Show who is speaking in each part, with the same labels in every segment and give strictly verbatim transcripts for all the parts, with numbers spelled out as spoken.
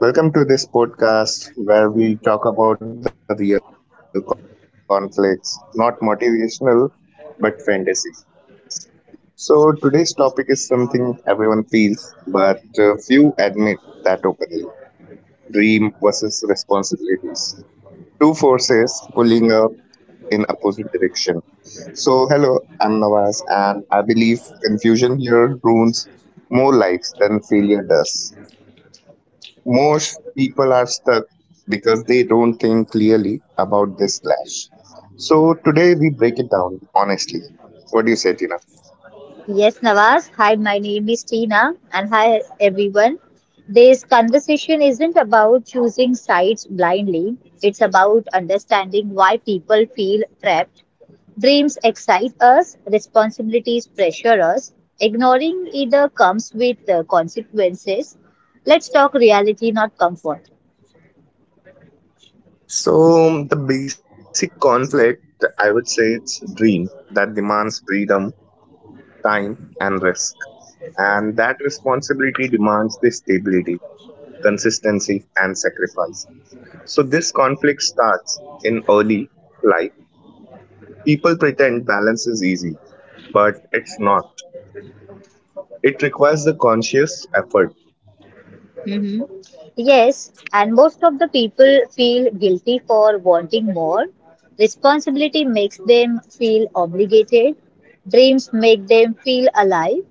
Speaker 1: Welcome to this podcast where we talk about the real conflicts, not motivational, but fantasies. So, today's topic is something everyone feels, but uh, few admit that openly, dream versus responsibilities. Two forces pulling up in opposite direction. So, hello, I'm Nawaz, and I believe confusion here ruins more lives than failure does. Most people are stuck because they don't think clearly about this clash. So today we break it down honestly. What do you say, Tina?
Speaker 2: Yes, Nawaz. Hi, my name is Tina, and hi, everyone. This conversation isn't about choosing sides blindly, it's about understanding why people feel trapped. Dreams excite us, responsibilities pressure us. Ignoring either comes with uh, consequences. Let's talk reality, not comfort.
Speaker 1: So the basic conflict, I would say, it's dream that demands freedom, time, and risk, and that responsibility demands the stability, consistency, and sacrifice. So this conflict starts in early life. People pretend balance is easy, but it's not. It requires the conscious effort.
Speaker 2: Mm-hmm. Yes, and most of the people feel guilty for wanting more. Responsibility makes them feel obligated. Dreams make them feel alive.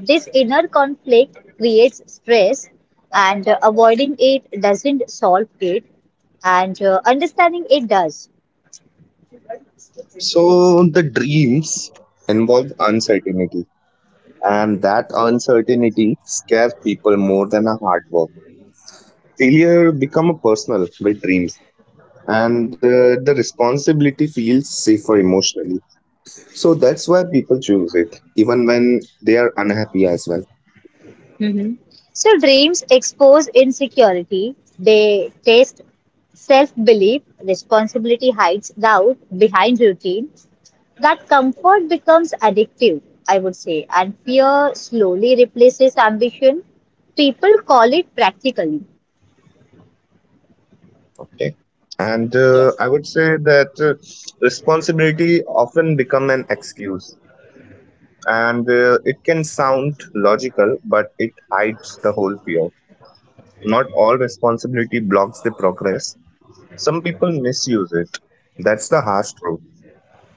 Speaker 2: This inner conflict creates stress, and uh, avoiding it doesn't solve it, and uh, understanding it does.
Speaker 1: So the dreams involve uncertainty, and that uncertainty scares people more than a hard work. Failure become a personal with dreams, and uh, the responsibility feels safer emotionally. So that's why people choose it, even when they are unhappy as well.
Speaker 2: hmm So, dreams expose insecurity, they test self belief. Responsibility hides doubt behind routine. That comfort becomes addictive, I would say, and fear slowly replaces ambition. People call it practically.
Speaker 1: Okay, and uh,
Speaker 2: Yes.
Speaker 1: I would say that uh, responsibility often become an excuse, and uh, it can sound logical, but it hides the whole fear. Not all responsibility blocks the progress. Some people misuse it. That's the harsh truth.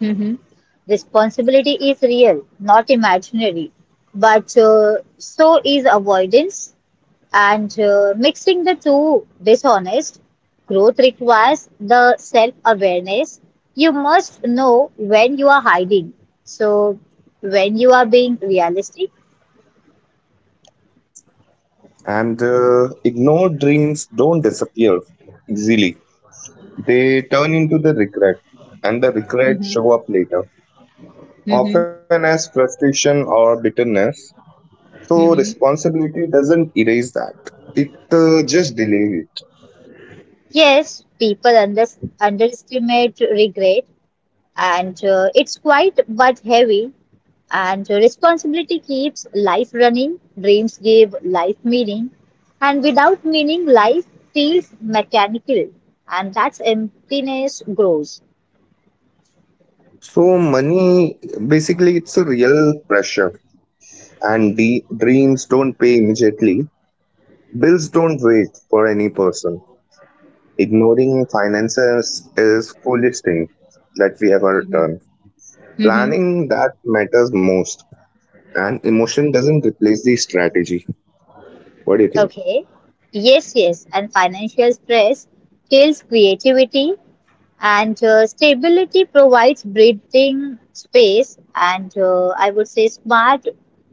Speaker 2: Mhm. Responsibility is real, not imaginary. But uh, so is avoidance. And uh, mixing the two dishonest. Growth requires the self awareness. You must know when you are hiding, so when you are being realistic.
Speaker 1: And uh, ignored dreams don't disappear easily. They turn into the regret, and the
Speaker 2: Mhm.
Speaker 1: regret show up later,
Speaker 2: Mhm.
Speaker 1: often as frustration or bitterness. So responsibility doesn't erase that. It uh, just delays it.
Speaker 2: Yes, people under, underestimate regret, and uh, it's quite but heavy. And uh, responsibility keeps life running, dreams give life meaning, and without meaning, life feels mechanical, and that's emptiness grows.
Speaker 1: So money, basically, it's a real pressure. And the dreams don't pay immediately. Bills don't wait for any person. Ignoring finances is foolish thing that we ever done.
Speaker 2: hmm
Speaker 1: Planning that matters most, and emotion doesn't replace the strategy. What do you think?
Speaker 2: Okay. Yes, yes, and financial stress kills creativity. And uh, stability provides breathing space, and uh, I would say smart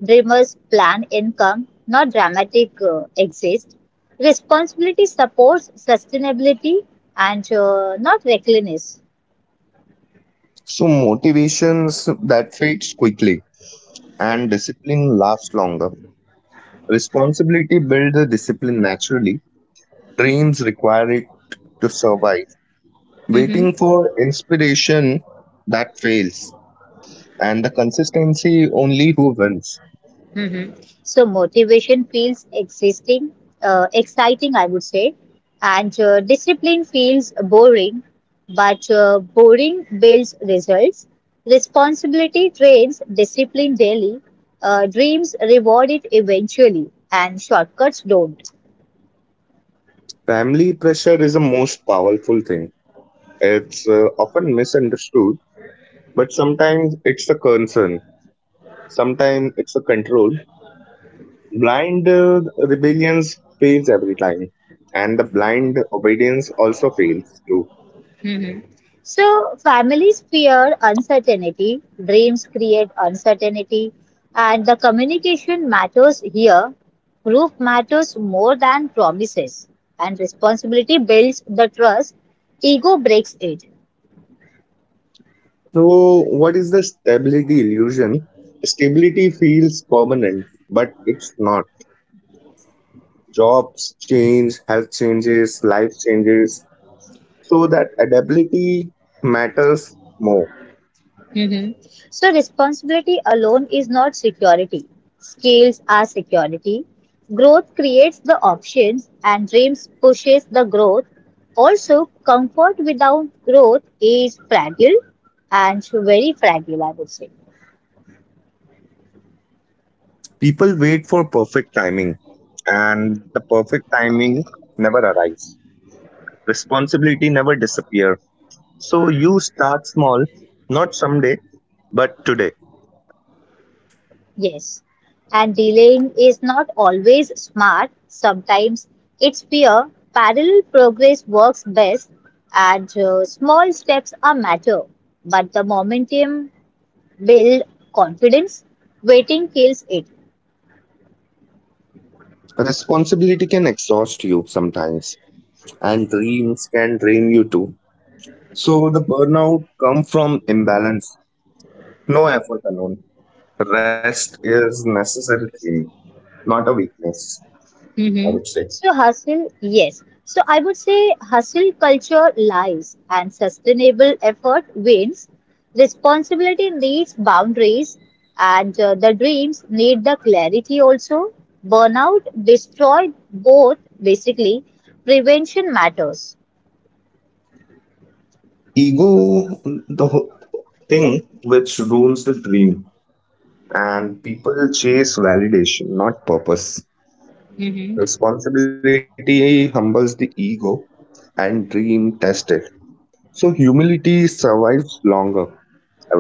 Speaker 2: dreamers plan income, not dramatic uh, exist. Responsibility supports sustainability and uh, not recklessness.
Speaker 1: So motivations that fades quickly, and discipline lasts longer. Responsibility builds the discipline naturally. Dreams require it to survive.
Speaker 2: Mm-hmm.
Speaker 1: Waiting for inspiration that fails, and the consistency only who wins.
Speaker 2: hmm So motivation feels existing, uh, exciting, I would say, and uh, discipline feels boring, but uh, boring builds results. Responsibility trains discipline daily. Uh, dreams reward it eventually, and shortcuts don't.
Speaker 1: Family pressure is the most powerful thing. It's uh, often misunderstood, but sometimes it's a concern, sometimes it's a control. Blind uh, rebellions fails every time, and the blind obedience also fails too.
Speaker 2: Mhm. So, families fear uncertainty, dreams create uncertainty, and the communication matters here. Proof matters more than promises, and responsibility builds the trust, ego breaks it.
Speaker 1: So, what is the stability illusion? Stability feels permanent, but it's not. Jobs change, health changes, life changes, so that adaptability matters more.
Speaker 2: hmm So responsibility alone is not security. Scales are security. Growth creates the options and dreams pushes the growth. Also, comfort without growth is fragile and very fragile, I would say.
Speaker 1: People wait for perfect timing, and the perfect timing never arrives. Responsibility never disappear. So you start small, not someday, but today.
Speaker 2: Yes. And delaying is not always smart. Sometimes it's fear. Parallel progress works best and uh, small steps are matter. But the momentum build confidence. Waiting kills it.
Speaker 1: Responsibility can exhaust you sometimes, and dreams can drain you too. So the burnout come from imbalance, no effort alone. Rest is necessary thing, not a weakness, I
Speaker 2: hmm
Speaker 1: would say.
Speaker 2: So hustle, yes. So I would say hustle culture lies and sustainable effort wins. Responsibility needs boundaries and uh, the dreams need the clarity also. Burnout destroy both basically. Prevention matters.
Speaker 1: Ego, the whole thing which rules the dream, and people chase validation, not purpose.
Speaker 2: hmm
Speaker 1: Responsibility humbles the ego, and dream tests it. So, humility survives longer, I would say.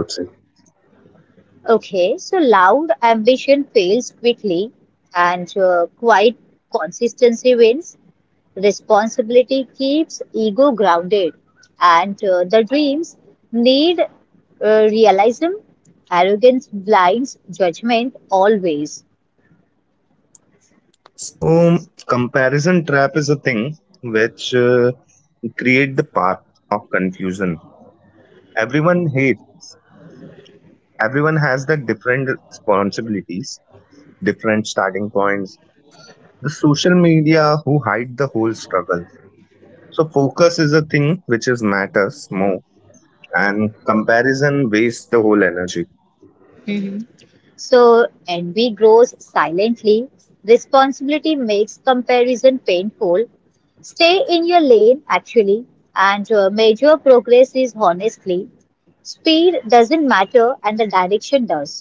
Speaker 2: Okay, so loud ambition fails quickly and uh, quiet consistency wins. Responsibility keeps ego grounded, and uh, the dreams need uh, realism. Arrogance blinds judgment always.
Speaker 1: So, comparison trap is a thing which uh, create the path of confusion. Everyone hate. Everyone has the different responsibilities, different starting points, the social media who hide the whole struggle, so focus is a thing which is matters more, and comparison wastes the whole energy.
Speaker 2: hmm So envy grows silently. Responsibility makes comparison painful. Stay in your lane, actually, and uh, major progress is honestly. Speed doesn't matter, and the direction does.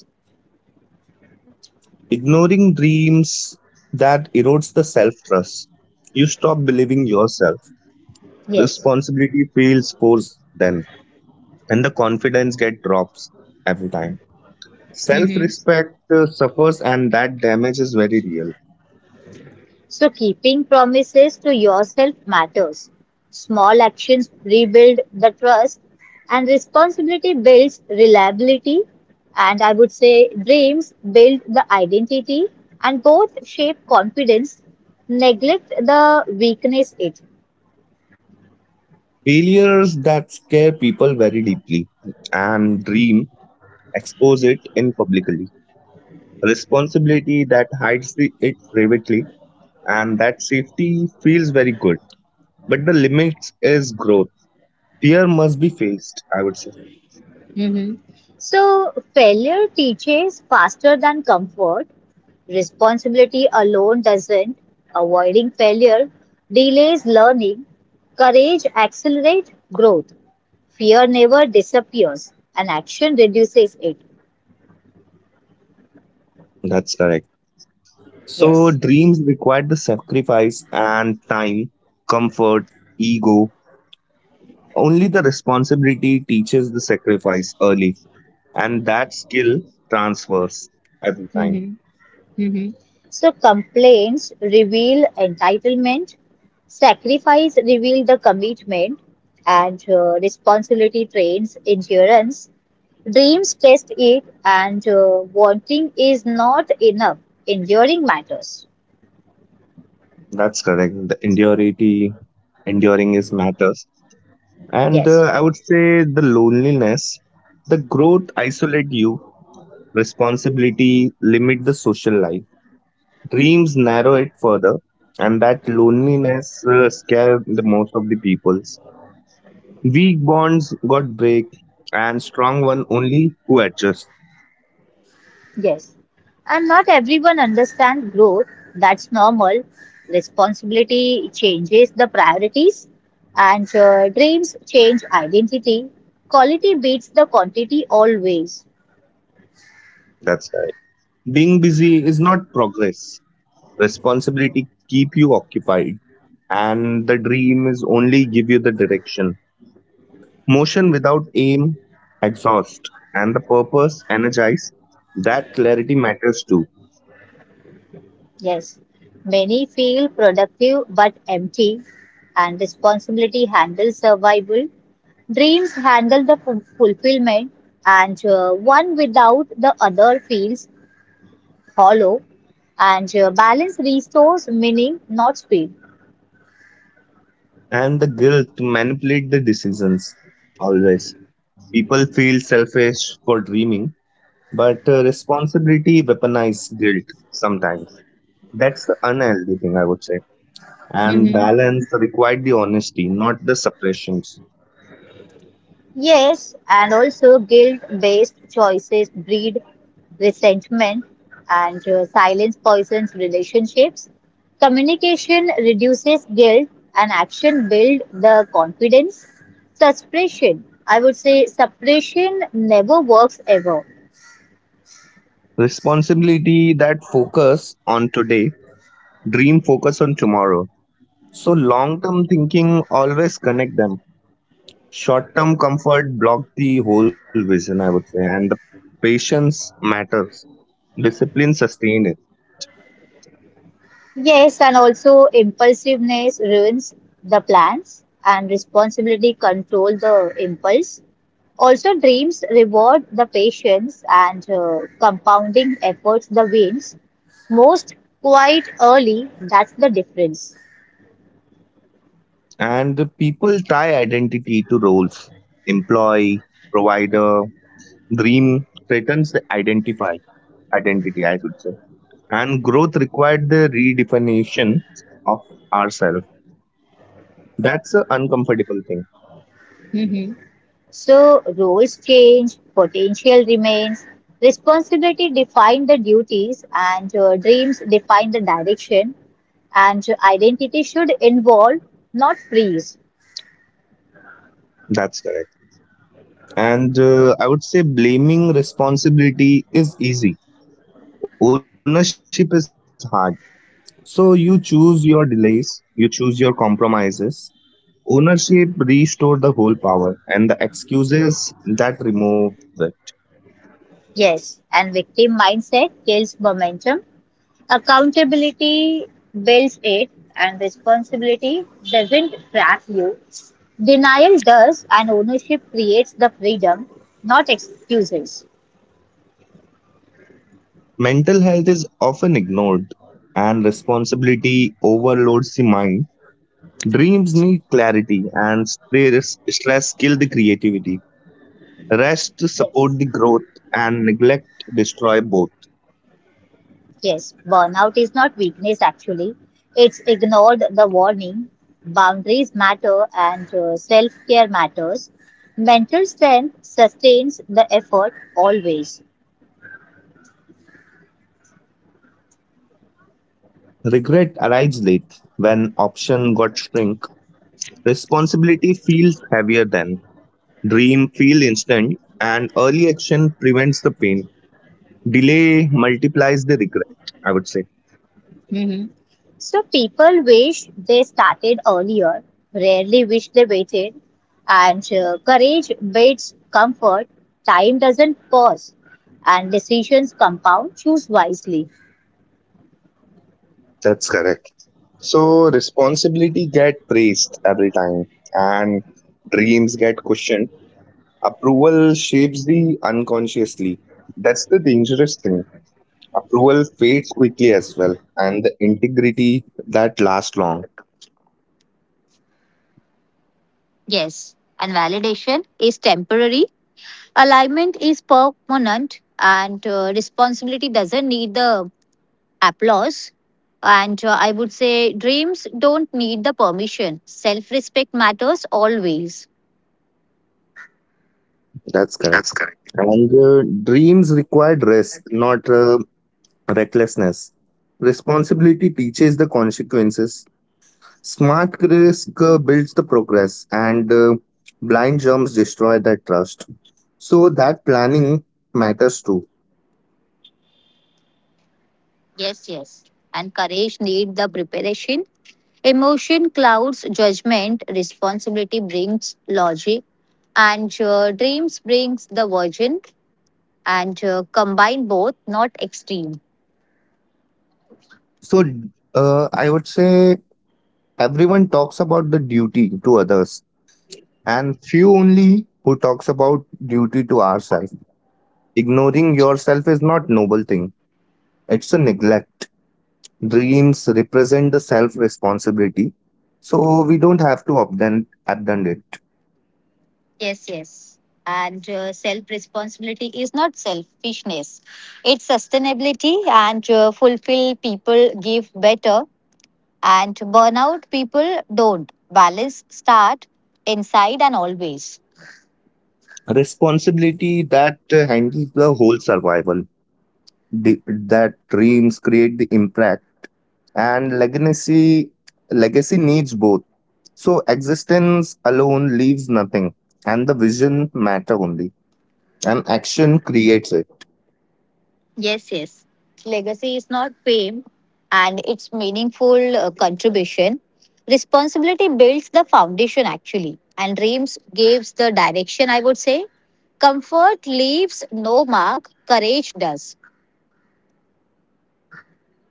Speaker 1: Ignoring dreams that erodes the self trust, you stop believing yourself.
Speaker 2: Yes.
Speaker 1: Responsibility feels forced then, and the confidence get drops every time. Self respect suffers, and that damage is very real.
Speaker 2: So keeping promises to yourself matters. Small actions rebuild the trust and responsibility builds reliability and I would say dreams build the identity and both shape confidence. Neglect the weakness it.
Speaker 1: Failures that scare people very deeply, and dream expose it in publicly. Responsibility that hides the, it privately, and that safety feels very good. But the limits is growth. Fear must be faced, I would say.
Speaker 2: Mhm. So failure teaches faster than comfort. Responsibility alone doesn't. Avoiding failure delays learning. Courage accelerates growth. Fear never disappears, and action reduces it.
Speaker 1: That's correct. So
Speaker 2: Yes.
Speaker 1: dreams require the sacrifice and time, comfort, ego. Only the responsibility teaches the sacrifice early, and that skill transfers every time.
Speaker 2: Mm-hmm. Mm-hmm. So complaints reveal entitlement, sacrifice reveal the commitment, and uh, responsibility trains endurance. Dreams test it, and uh, wanting is not enough. Enduring matters.
Speaker 1: That's correct. The endurity, enduring is matters. And
Speaker 2: Yes.
Speaker 1: uh, I would say the loneliness, the growth isolate you, responsibility limit the social life, dreams narrow it further, and that loneliness uh, scare the most of the peoples. Weak bonds got break, and strong one only who adjust.
Speaker 2: Yes. And not everyone understands growth. That's normal. Responsibility changes the priorities, and uh, dreams change identity. Quality beats the quantity always.
Speaker 1: That's right. Being busy is not progress. Responsibility keep you occupied, and the dream is only give you the direction. Motion without aim, exhaust, and the purpose, energize, that clarity matters too.
Speaker 2: Yes. Many feel productive but empty, and responsibility handles survival. Dreams handle the ful- fulfillment, and uh, one without the other feels hollow. And uh, balance restores meaning, not speed.
Speaker 1: And the guilt to manipulate the decisions, always. People feel selfish for dreaming, but uh, responsibility weaponize guilt sometimes. That's the unhealthy thing, I would say. And
Speaker 2: Mm-hmm.
Speaker 1: balance required the honesty, not the suppressions.
Speaker 2: Yes, and also guilt-based choices breed resentment and uh, silence poisons relationships. Communication reduces guilt and action builds the confidence. Suppression, I would say suppression never works ever.
Speaker 1: Responsibility that focus on today, dream focus on tomorrow. So long term thinking always connect them. Short term comfort blocked the whole vision, I would say, and the patience matters. Discipline sustained it.
Speaker 2: Yes, and also impulsiveness ruins the plans and responsibility control the impulse. Also dreams reward the patience and uh, compounding efforts the wins. Most quite early, that's the difference.
Speaker 1: And the people tie identity to roles. Employee, provider, dream threatens the identify, identity, I should say. And growth required the redefinition of ourselves. That's an uncomfortable thing.
Speaker 2: Mm-hmm. So roles change, potential remains, responsibility define the duties, and uh, dreams define the direction. And identity should involve, not freeze.
Speaker 1: That's correct. And uh, I would say blaming responsibility is easy. Ownership is hard. So you choose your delays, you choose your compromises. Ownership restore the whole power, and the excuses that remove it.
Speaker 2: Yes, and victim mindset kills momentum. Accountability builds it, and responsibility doesn't trap you. Denial does, and ownership creates the freedom, not excuses.
Speaker 1: Mental health is often ignored, and responsibility overloads the mind. Dreams need clarity, and stress stress kill the creativity. Rest to support
Speaker 2: Yes.
Speaker 1: the growth, and neglect destroy both.
Speaker 2: Yes, burnout is not weakness actually. It's ignored the warning. Boundaries matter and uh, self care matters. Mental strength sustains the effort always.
Speaker 1: Regret arrives late when option got shrink. Responsibility feels heavier then. Dream feel instant, and early action prevents the pain. Delay multiplies the regret, I would say.
Speaker 2: Mhm. So people wish they started earlier, rarely wish they waited. And uh, courage beats comfort. Time doesn't pause, and decisions compound. Choose wisely.
Speaker 1: That's correct. So responsibility get praised every time, and dreams get questioned. Approval shapes the unconsciously. That's the dangerous thing. Approval fades quickly as well, and the integrity that lasts long.
Speaker 2: Yes, and validation is temporary, alignment is permanent, and uh, responsibility doesn't need the applause. And uh, I would say dreams don't need the permission. Self respect matters always.
Speaker 1: That's correct. And uh, dreams required rest, not uh, recklessness. Responsibility teaches the consequences. Smart risk uh, builds the progress, and uh, blind jumps destroy that trust. So that planning matters too.
Speaker 2: Yes, yes. And courage need the preparation. Emotion clouds judgment. Responsibility brings logic, and uh, dreams brings the virgin. And uh, combine both, not extreme.
Speaker 1: So uh, I would say everyone talks about the duty to others, and few only who talks about duty to ourselves. Ignoring yourself is not noble thing; it's a neglect. Dreams represent the self responsibility, so we don't have to abandon, abandon it.
Speaker 2: Yes, yes. And uh, self responsibility is not selfishness. It's sustainability and uh, fulfill people give better and burnout people don't. Balance start inside and always.
Speaker 1: Responsibility that uh, handles the whole survival, the, that dreams create the impact, and legacy, legacy needs both. So existence alone leaves nothing, and the vision matter only, and action creates it.
Speaker 2: Yes, yes. Legacy is not fame and its meaningful uh, contribution. Responsibility builds the foundation actually, and dreams gives the direction, I would say. Comfort leaves no mark, courage does.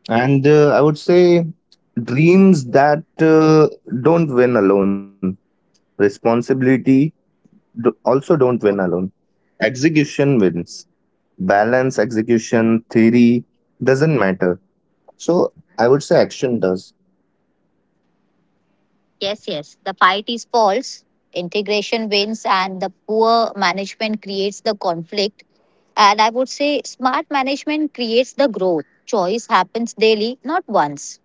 Speaker 1: And uh, I would say dreams that uh, don't win alone. Responsibility do, also don't win alone. Execution wins. Balance, execution, theory doesn't matter. So I would say action does.
Speaker 2: Yes, yes. The fight is false, integration wins, and the poor management creates the conflict. And I would say smart management creates the growth. Choice happens daily, not once.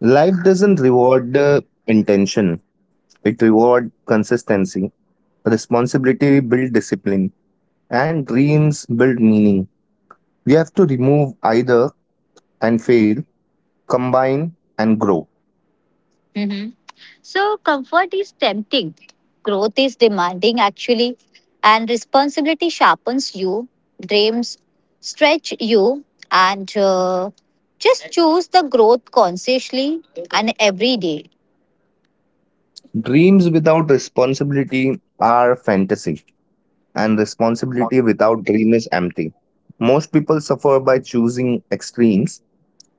Speaker 1: Life doesn't reward the intention. It reward consistency. Responsibility build discipline, and dreams build meaning. We have to remove either and fail, combine and grow.
Speaker 2: hmm So, comfort is tempting, growth is demanding, actually, and responsibility sharpens you, dreams stretch you, and uh, just choose the growth consciously and every day.
Speaker 1: Dreams without responsibility are fantasy, and responsibility without dream is empty. Most people suffer by choosing extremes.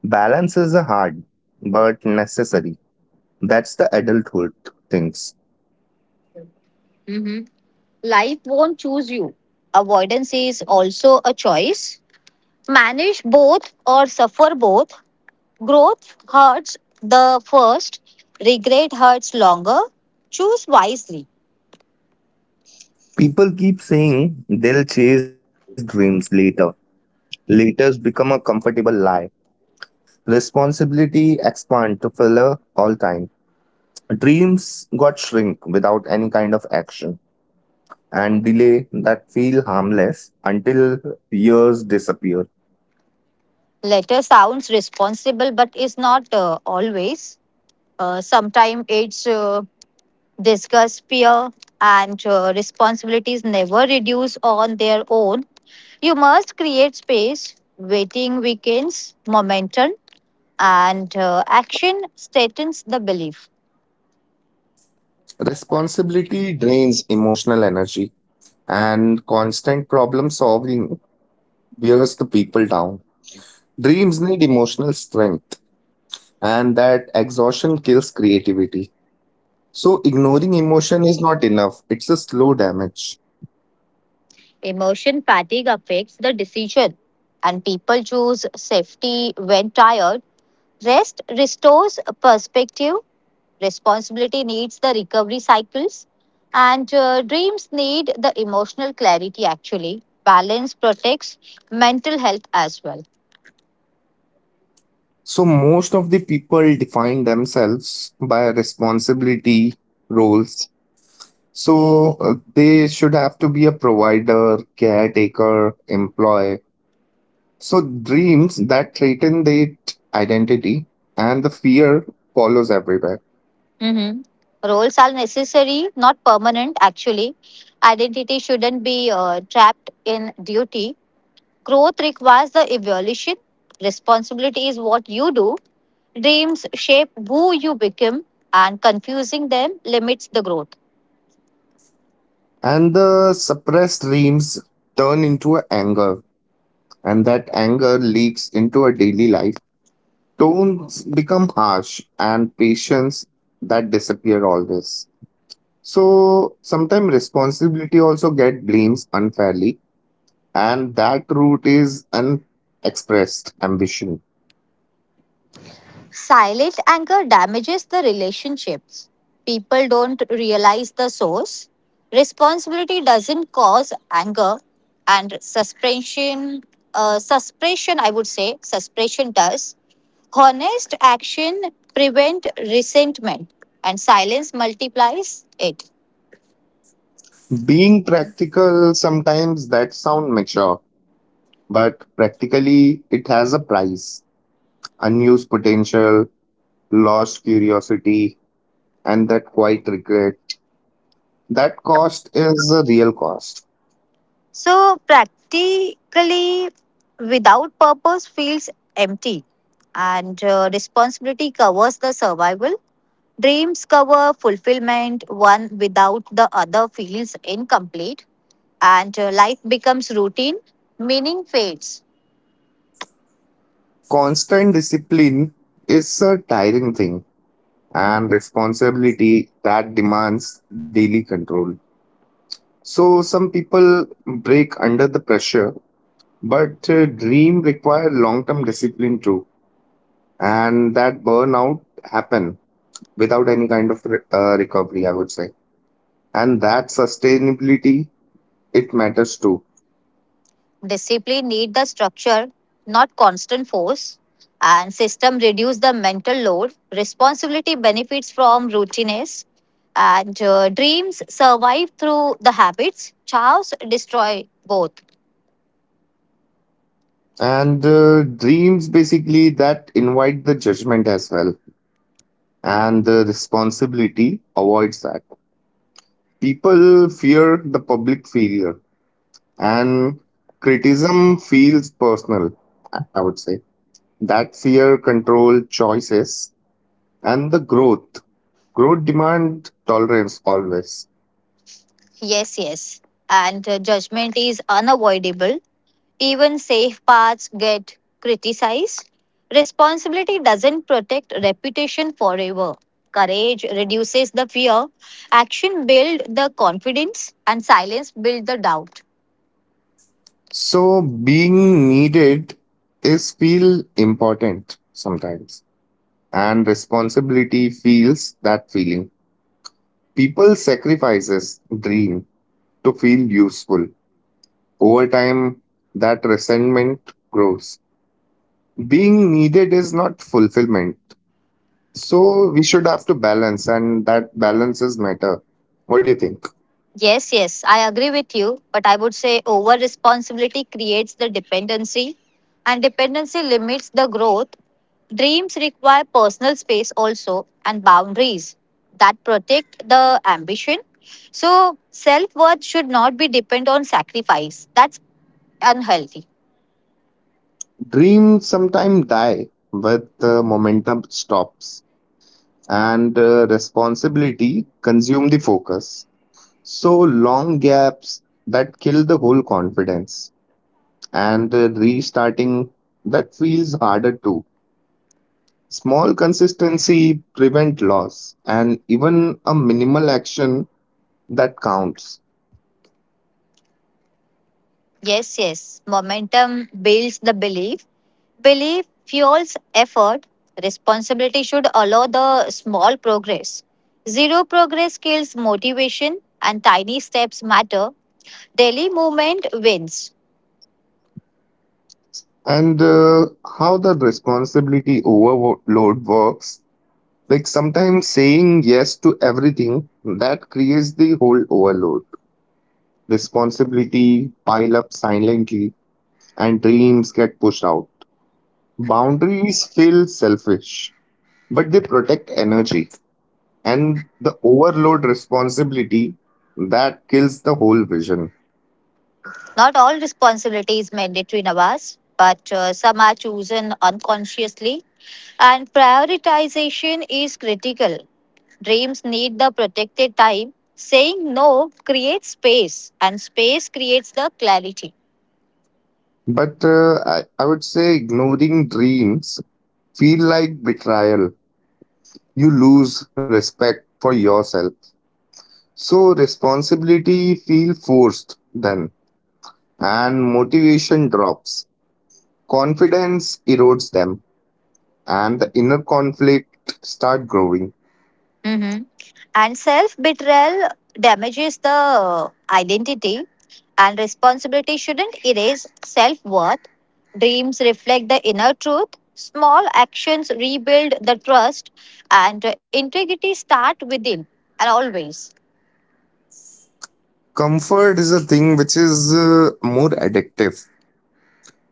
Speaker 1: Balance is a hard but necessary. That's the adulthood things.
Speaker 2: Mhm. Life won't choose you. Avoidance is also a choice. Manage both or suffer both. Growth hurts the first, regret hurts longer. Choose wisely.
Speaker 1: People keep saying they'll chase dreams later. Later's become a comfortable lie. Responsibility expand to filler all time. Dreams got shrink without any kind of action, and delay that feel harmless until years disappear.
Speaker 2: Letter sounds responsible but is not uh, always. Uh, Sometimes it's uh, discuss peer and uh, responsibilities never reduce on their own. You must create space, waiting weekends, momentum, and uh, action strengthens the belief.
Speaker 1: Responsibility drains emotional energy, and constant problem solving wears the people down. Dreams need emotional strength, and that exhaustion kills creativity. So, ignoring emotion is not enough, it's a slow damage.
Speaker 2: Emotion fatigue affects the decision, and people choose safety when tired. Rest restores perspective. Responsibility needs the recovery cycles, and uh, dreams need the emotional clarity actually. Balance protects mental health as well.
Speaker 1: So, most of the people define themselves by responsibility roles. So, uh, they should have to be a provider, caretaker, employee. So dreams that threaten their identity, and the fear follows everywhere.
Speaker 2: hmm Roles are necessary, not permanent actually. Identity shouldn't be uh, trapped in duty. Growth requires the evolution. Responsibility is what you do. Dreams shape who you become, and confusing them limits the growth.
Speaker 1: And the suppressed dreams turn into anger, and that anger leaks into our daily life. Tones become harsh, and patience that disappear always. So sometimes responsibility also get blames unfairly, and that root is unexpressed ambition.
Speaker 2: Silent anger damages the relationships. People don't realize the source. Responsibility doesn't cause anger, and suspension, uh, suspension, I would say, suspension does. Honest action prevent resentment, and silence multiplies it.
Speaker 1: Being practical sometimes that sound mature. But practically, it has a price, unused potential, lost curiosity, and that quiet regret. That cost is a real cost.
Speaker 2: So practically, without purpose feels empty, and uh, responsibility covers the survival. Dreams cover fulfillment, one without the other feels incomplete, and uh, life becomes routine, meaning fades.
Speaker 1: Constant discipline is a tiring thing, and responsibility that demands daily control. So, some people break under the pressure, but uh, dream require long term discipline too, and that burnout happen without any kind of re- uh, recovery, I would say. And that sustainability, it matters too.
Speaker 2: Discipline need the structure, not constant force, and system reduce the mental load. Responsibility benefits from routines, and uh, dreams survive through the habits. Chaos destroy both.
Speaker 1: And uh, dreams basically that invite the judgment as well, and the responsibility avoids that. People fear the public failure, and criticism feels personal, i I would say. That fear control choices, and the growth growth demand tolerance always.
Speaker 2: Yes, yes, and uh, judgment is unavoidable. Even safe paths get criticized. Responsibility doesn't protect reputation forever. Courage reduces the fear. Action builds the confidence, and silence builds the doubt.
Speaker 1: So being needed is feel important sometimes, and responsibility feels that feeling. People sacrifices dream to feel useful. Over time, that resentment grows. Being needed is not fulfillment. So we should have to balance, and that balance is matter. What do you think?
Speaker 2: Yes, yes, I agree with you, but I would say over responsibility creates the dependency, and dependency limits the growth. Dreams require personal space also and boundaries that protect the ambition. So, self worth should not be depend on sacrifice. That's unhealthy.
Speaker 1: Dreams sometimes die, but the momentum stops, and uh, responsibility consume the focus. So long gaps that kill the whole confidence, and uh, restarting that feels harder too. Small consistency prevent loss, and even a minimal action that counts.
Speaker 2: Yes, yes. Momentum builds the belief. Belief fuels effort. Responsibility should allow the small progress. Zero progress kills motivation, and tiny steps matter. Daily movement wins.
Speaker 1: And uh, how the responsibility overload works, like sometimes saying yes to everything that creates the whole overload. Responsibility pile up silently, and dreams get pushed out. Boundaries feel selfish, but they protect energy, and the overload responsibility that kills the whole vision.
Speaker 2: Not all responsibility is mandatory, Nawaz, but uh, some are chosen unconsciously, and prioritization is critical. Dreams need the protected time. Saying no creates space, and space creates the clarity.
Speaker 1: But uh, I, I would say ignoring dreams feel like betrayal. You lose respect for yourself. So responsibility feel forced then, and motivation drops. Confidence erodes them, and the inner conflict start growing.
Speaker 2: hmm And self betrayal damages the uh, identity, and responsibility shouldn't erase self worth. Dreams reflect the inner truth. Small actions rebuild the trust, and integrity start within and always.
Speaker 1: Comfort is a thing which is uh, more addictive.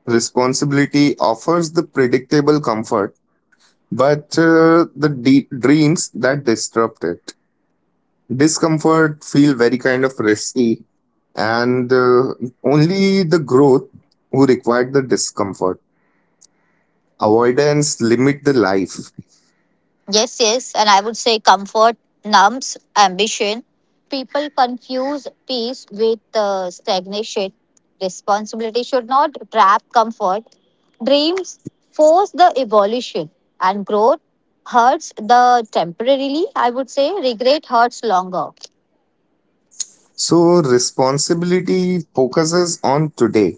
Speaker 1: Responsibility offers the predictable comfort, but uh, the de- dreams that disrupt it, discomfort feel very kind of risky, and uh, only the growth who required the discomfort, avoidance limit the life.
Speaker 2: Yes, yes, and I would say comfort numbs ambition. People confuse peace with uh, stagnation. Responsibility should not trap comfort. Dreams force the evolution, and growth hurts the temporarily. I would say regret hurts longer.
Speaker 1: So responsibility focuses on today,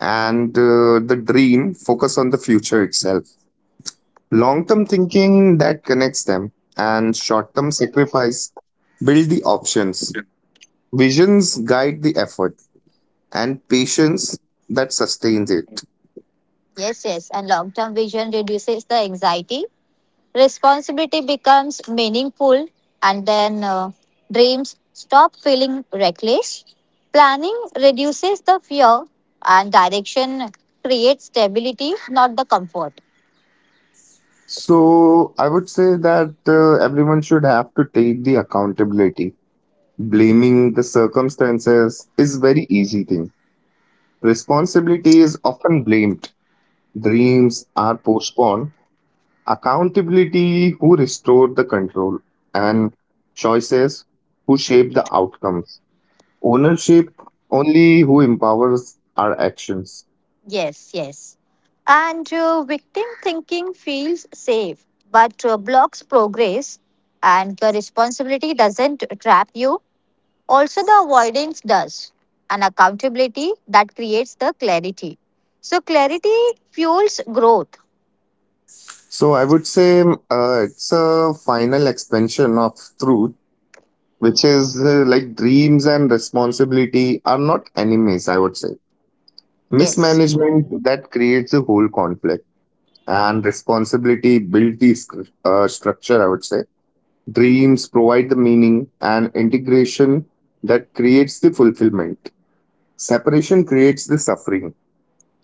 Speaker 1: and uh, the dream focus on the future itself. Long term thinking that connects them, and short term sacrifice build the options, visions guide the effort, and patience that sustains it.
Speaker 2: Yes, yes, and long term vision reduces the anxiety. Responsibility becomes meaningful and then uh, dreams stop feeling reckless. Planning reduces the fear and direction creates stability, not the comfort.
Speaker 1: So I would say that uh, everyone should have to take the accountability. Blaming the circumstances is very easy thing. Responsibility is often blamed. Dreams are postponed. Accountability who restore the control, and choices who shape the outcomes. Ownership only who empowers our actions.
Speaker 2: Yes, yes. And uh, victim thinking feels safe but uh, blocks progress, and the responsibility doesn't trap you. Also, the avoidance does, and accountability that creates the clarity. So, clarity fuels growth.
Speaker 1: So I would say um, uh, it's a final expansion of truth, which is uh, like dreams and responsibility are not enemies, I would say.
Speaker 2: Yes.
Speaker 1: Mismanagement that creates a whole conflict, and responsibility builds the scr- uh, structure, I would say. Dreams provide the meaning, and integration that creates the fulfillment. Separation creates the suffering.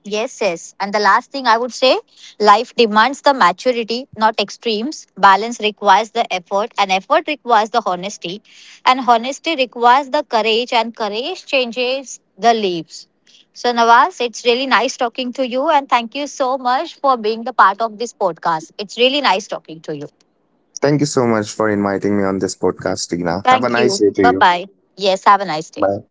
Speaker 2: Yes, yes. And the last thing I would say, life demands the maturity, not extremes. Balance requires the effort, and effort requires the honesty, and honesty requires the courage, and courage changes the leaves. So, Nawaz, it's really nice talking to you, and thank you so much for being the part of this podcast. It's really nice talking to you.
Speaker 1: Thank you so much for inviting me on this podcast, Tina.
Speaker 2: Thank
Speaker 1: Have a
Speaker 2: you.
Speaker 1: nice day
Speaker 2: Bye
Speaker 1: to you.
Speaker 2: bye. Yes, have a nice day.
Speaker 1: Bye.